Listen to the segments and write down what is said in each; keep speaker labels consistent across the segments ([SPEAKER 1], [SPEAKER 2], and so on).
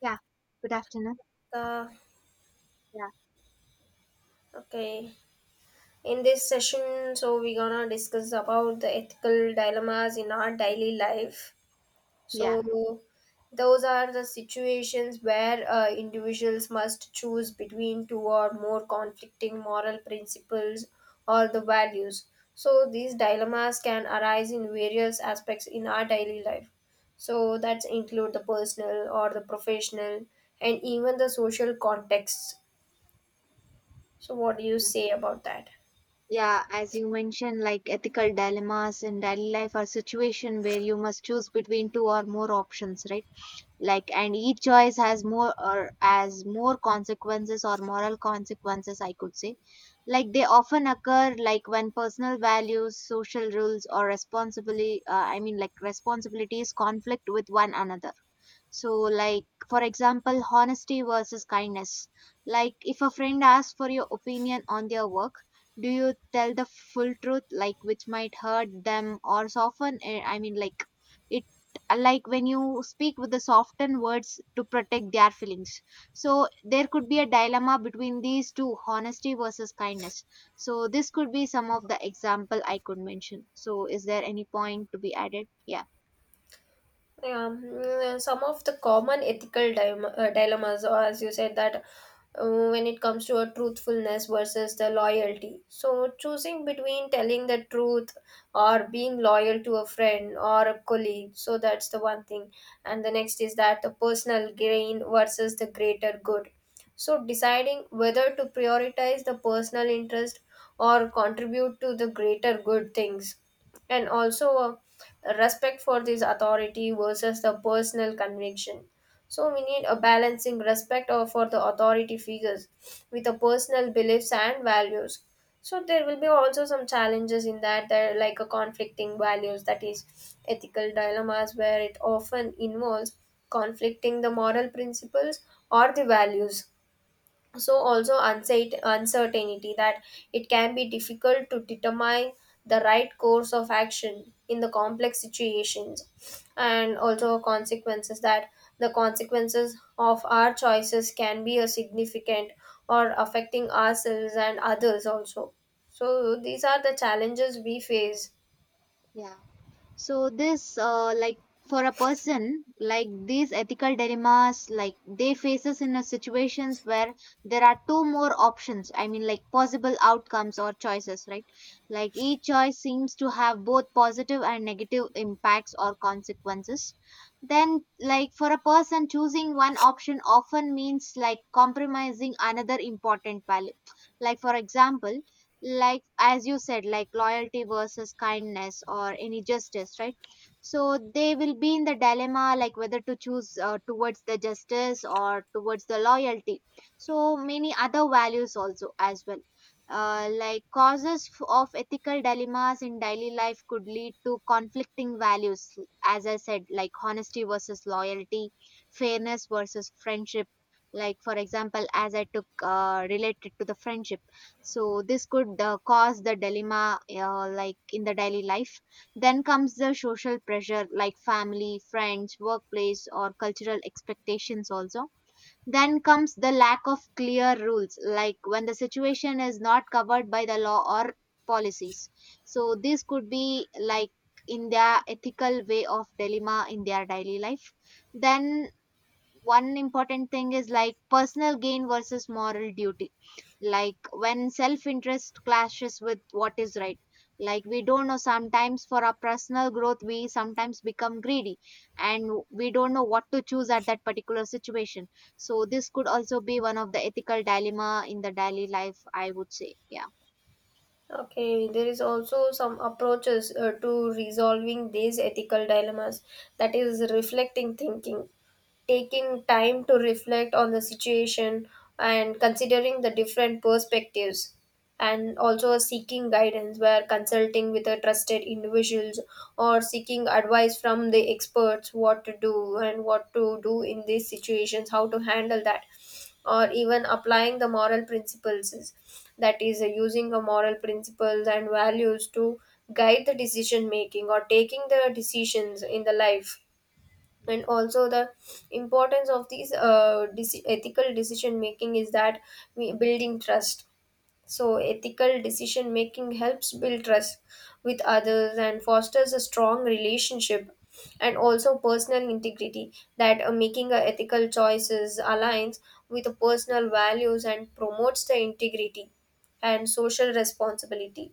[SPEAKER 1] Yeah, good afternoon.
[SPEAKER 2] Uh,
[SPEAKER 1] Yeah,
[SPEAKER 2] okay. In this session, so we're gonna discuss about the ethical dilemmas in our daily life.
[SPEAKER 1] yeah,
[SPEAKER 2] So those are the situations where individuals must choose between two or more conflicting moral principles or the values. So these dilemmas can arise in various aspects in our daily life. So that's include the personal or the professional and even the social contexts. So what do you say about that?
[SPEAKER 1] yeah. As you mentioned, like ethical dilemmas in daily life are situation where you must choose between two or more options, right? Like, and each choice has more or as more consequences or moral consequences, I could say. Like they often occur like when personal values, social rules, or responsibly, I mean, like responsibilities conflict with one another. So, like, for example, honesty versus kindness. Like, if a friend asks for your opinion on their work, do you tell the full truth, like, which might hurt them or soften? I mean, like, it, like, when you speak with the softened words to protect their feelings. So, there could be a dilemma between these two, honesty versus kindness. So, this could be some of the example I could mention. So, is there any point to be added? Yeah.
[SPEAKER 2] Yeah. Some of the common ethical dilemmas, or as you said, that uh, when it comes to a truthfulness versus the loyalty. So choosing between telling the truth or being loyal to a friend or a colleague. So that's the one thing. And the next is that the personal gain versus the greater good. So deciding whether to prioritize the personal interest or contribute to the greater good things, and also respect for this authority versus the personal conviction. So we need a balancing for the authority figures with the personal beliefs and values. So there will be also some challenges in that. There are like a conflicting values, that is, ethical dilemmas where it often involves conflicting the moral principles or the values. So also uncertainty, that it can be difficult to determine the right course of action in the complex situations. And also consequences, that the consequences of our choices can be a significant or affecting ourselves and others also. So these are the challenges we face.
[SPEAKER 1] Yeah. So this like for a person like these ethical dilemmas like they faces in a situations where there are two more options, I mean like possible outcomes or choices, right? Like each choice seems to have both positive and negative impacts or consequences. Then like for a person choosing one option often means like compromising another important value. Like for example, like as you said, like loyalty versus kindness or any justice, right? So they will be in the dilemma like whether to choose towards the justice or towards the loyalty, so many other values also as well. Like causes of ethical dilemmas in daily life could lead to conflicting values. As I said, like honesty versus loyalty, fairness versus friendship. Like for example, as I took related to the friendship, so this could cause the dilemma like in the daily life. Then comes the social pressure like family, friends, workplace or cultural expectations also. Then comes the lack of clear rules, like when the situation is not covered by the law or policies. So this could be like in their ethical way of dilemma in their daily life. Then one important thing is like personal gain versus moral duty, like when self interest clashes with what is right. Like we don't know sometimes for our personal growth we sometimes become greedy and we don't know what to choose at that particular situation. So this could also be one of the ethical dilemma in the daily life, I would say. Yeah.
[SPEAKER 2] Okay, there is also some approaches to resolving these ethical dilemmas. That is, reflecting thinking: taking time to reflect on the situation and considering the different perspectives, and also seeking guidance, where consulting with a trusted individuals or seeking advice from the experts what to do and what to do in these situations, how to handle that, or even applying the moral principles is- that is, using the moral principles and values to guide the decision making or taking the decisions in the life. And also the importance of these ethical decision making is that we building trust. So ethical decision making helps build trust with others and fosters a strong relationship. And also personal integrity, that making a ethical choices aligns with personal values and promotes the integrity. And social responsibility: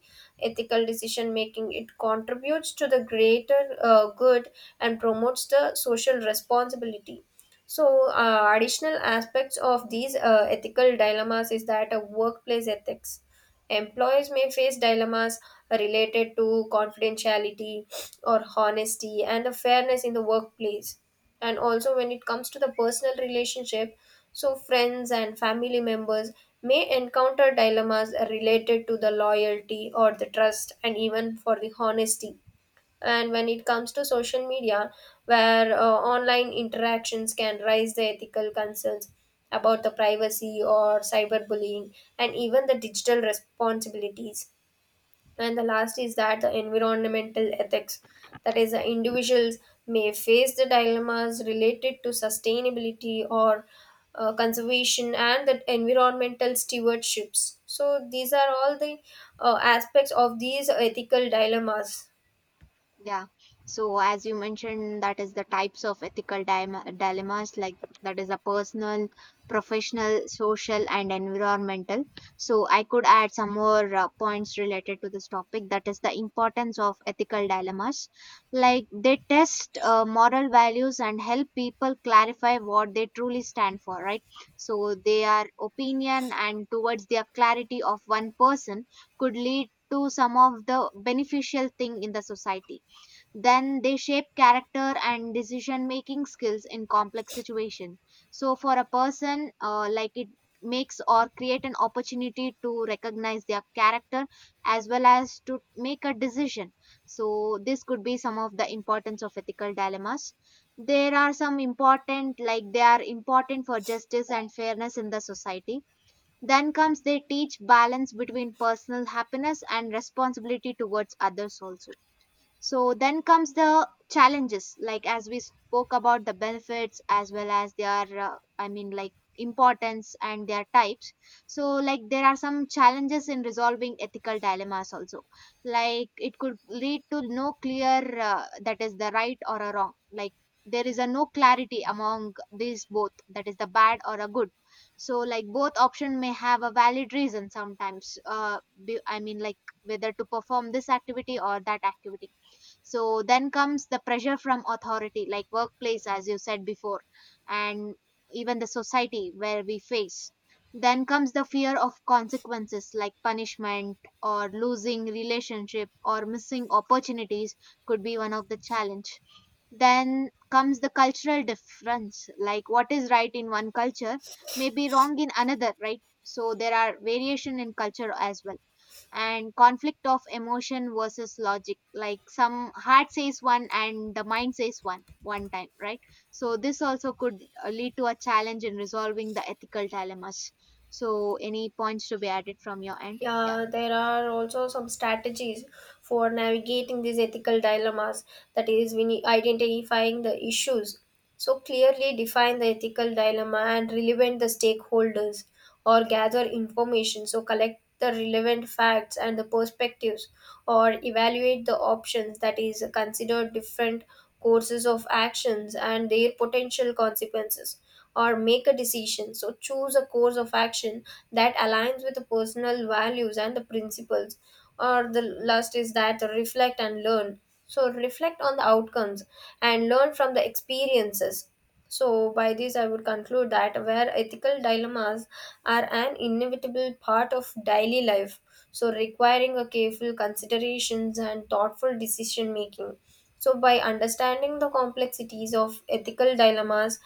[SPEAKER 2] ethical decision making, it contributes to the greater good and promotes the social responsibility. So, additional aspects of these ethical dilemmas is that workplace ethics. Employers may face dilemmas related to confidentiality or honesty and the fairness in the workplace. And also, when it comes to the personal relationship, so friends and family members may encounter dilemmas related to the loyalty or the trust and even for the honesty. And when it comes to social media, where online interactions can raise the ethical concerns about the privacy or cyberbullying and even the digital responsibilities. And the last is that the environmental ethics, that is, the individuals may face the dilemmas related to sustainability or conservation and the environmental stewardships. So these are all the aspects of these ethical dilemmas.
[SPEAKER 1] Yeah. So as you mentioned, that is the types of ethical dilemmas like that is a personal, professional, social, and environmental. So I could add some more points related to this topic. That is the importance of ethical dilemmas. Like they test moral values and help people clarify what they truly stand for, right? So their opinion and towards their clarity of one person could lead to some of the beneficial thing in the society. Then they shape character and decision making skills in complex situation. So for a person like it makes or create an opportunity to recognize their character as well as to make a decision. So this could be some of the importance of ethical dilemmas. There are some important like they are important for justice and fairness in the society. Then comes they teach balance between personal happiness and responsibility towards others also. So then comes the challenges, like as we spoke about the benefits as well as their, I mean, like importance and their types. So, like, there are some challenges in resolving ethical dilemmas also. Like, it could lead to no clear that is the right or a wrong. Like, there is a no clarity among these both, that is the bad or a good. So, like, both option may have a valid reason sometimes. I mean, like, whether to perform this activity or that activity. So then comes the pressure from authority like workplace, as you said before, and even the society where we face. Then comes the fear of consequences like punishment or losing relationship or missing opportunities, could be one of the challenge. Then comes the cultural difference, like what is right in one culture may be wrong in another, right? So there are variation in culture as well. And conflict of emotion versus logic, like some heart says one and the mind says one time, right? So this also could lead to a challenge in resolving the ethical dilemmas. So any points to be added from your end? Yeah.
[SPEAKER 2] Yeah, there are also some strategies for navigating these ethical dilemmas. That is, we need identifying the issues. So clearly define the ethical dilemma and relevant the stakeholders, or gather information. So collect the relevant facts and the perspectives, or evaluate the options. That is, consider different courses of actions and their potential consequences, or make a decision. So choose a course of action that aligns with the personal values and the principles. Or the last is that reflect and learn. So reflect on the outcomes and learn from the experiences. So by this I would conclude that where ethical dilemmas are an inevitable part of daily life, so requiring a careful considerations and thoughtful decision making. So by understanding the complexities of ethical dilemmas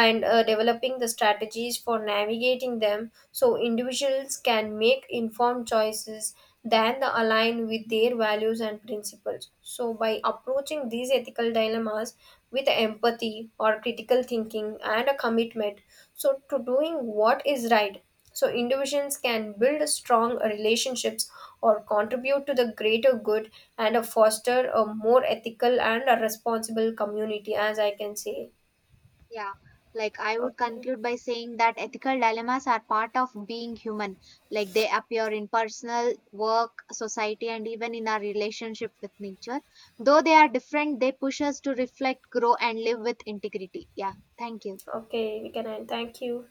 [SPEAKER 2] and developing the strategies for navigating them, so individuals can make informed choices that align with their values and principles. So by approaching these ethical dilemmas with empathy or critical thinking and a commitment, so to doing what is right, so individuals can build strong relationships or contribute to the greater good and foster a more ethical and a responsible community, as I can say.
[SPEAKER 1] Yeah, like I would
[SPEAKER 2] Okay,
[SPEAKER 1] conclude by saying that ethical dilemmas are part of being human. Like they appear in personal, work, society, and even in our relationship with nature. Though they are different, they push us to reflect, grow, and live with integrity. Yeah, thank you.
[SPEAKER 2] okay, we can end. Thank you.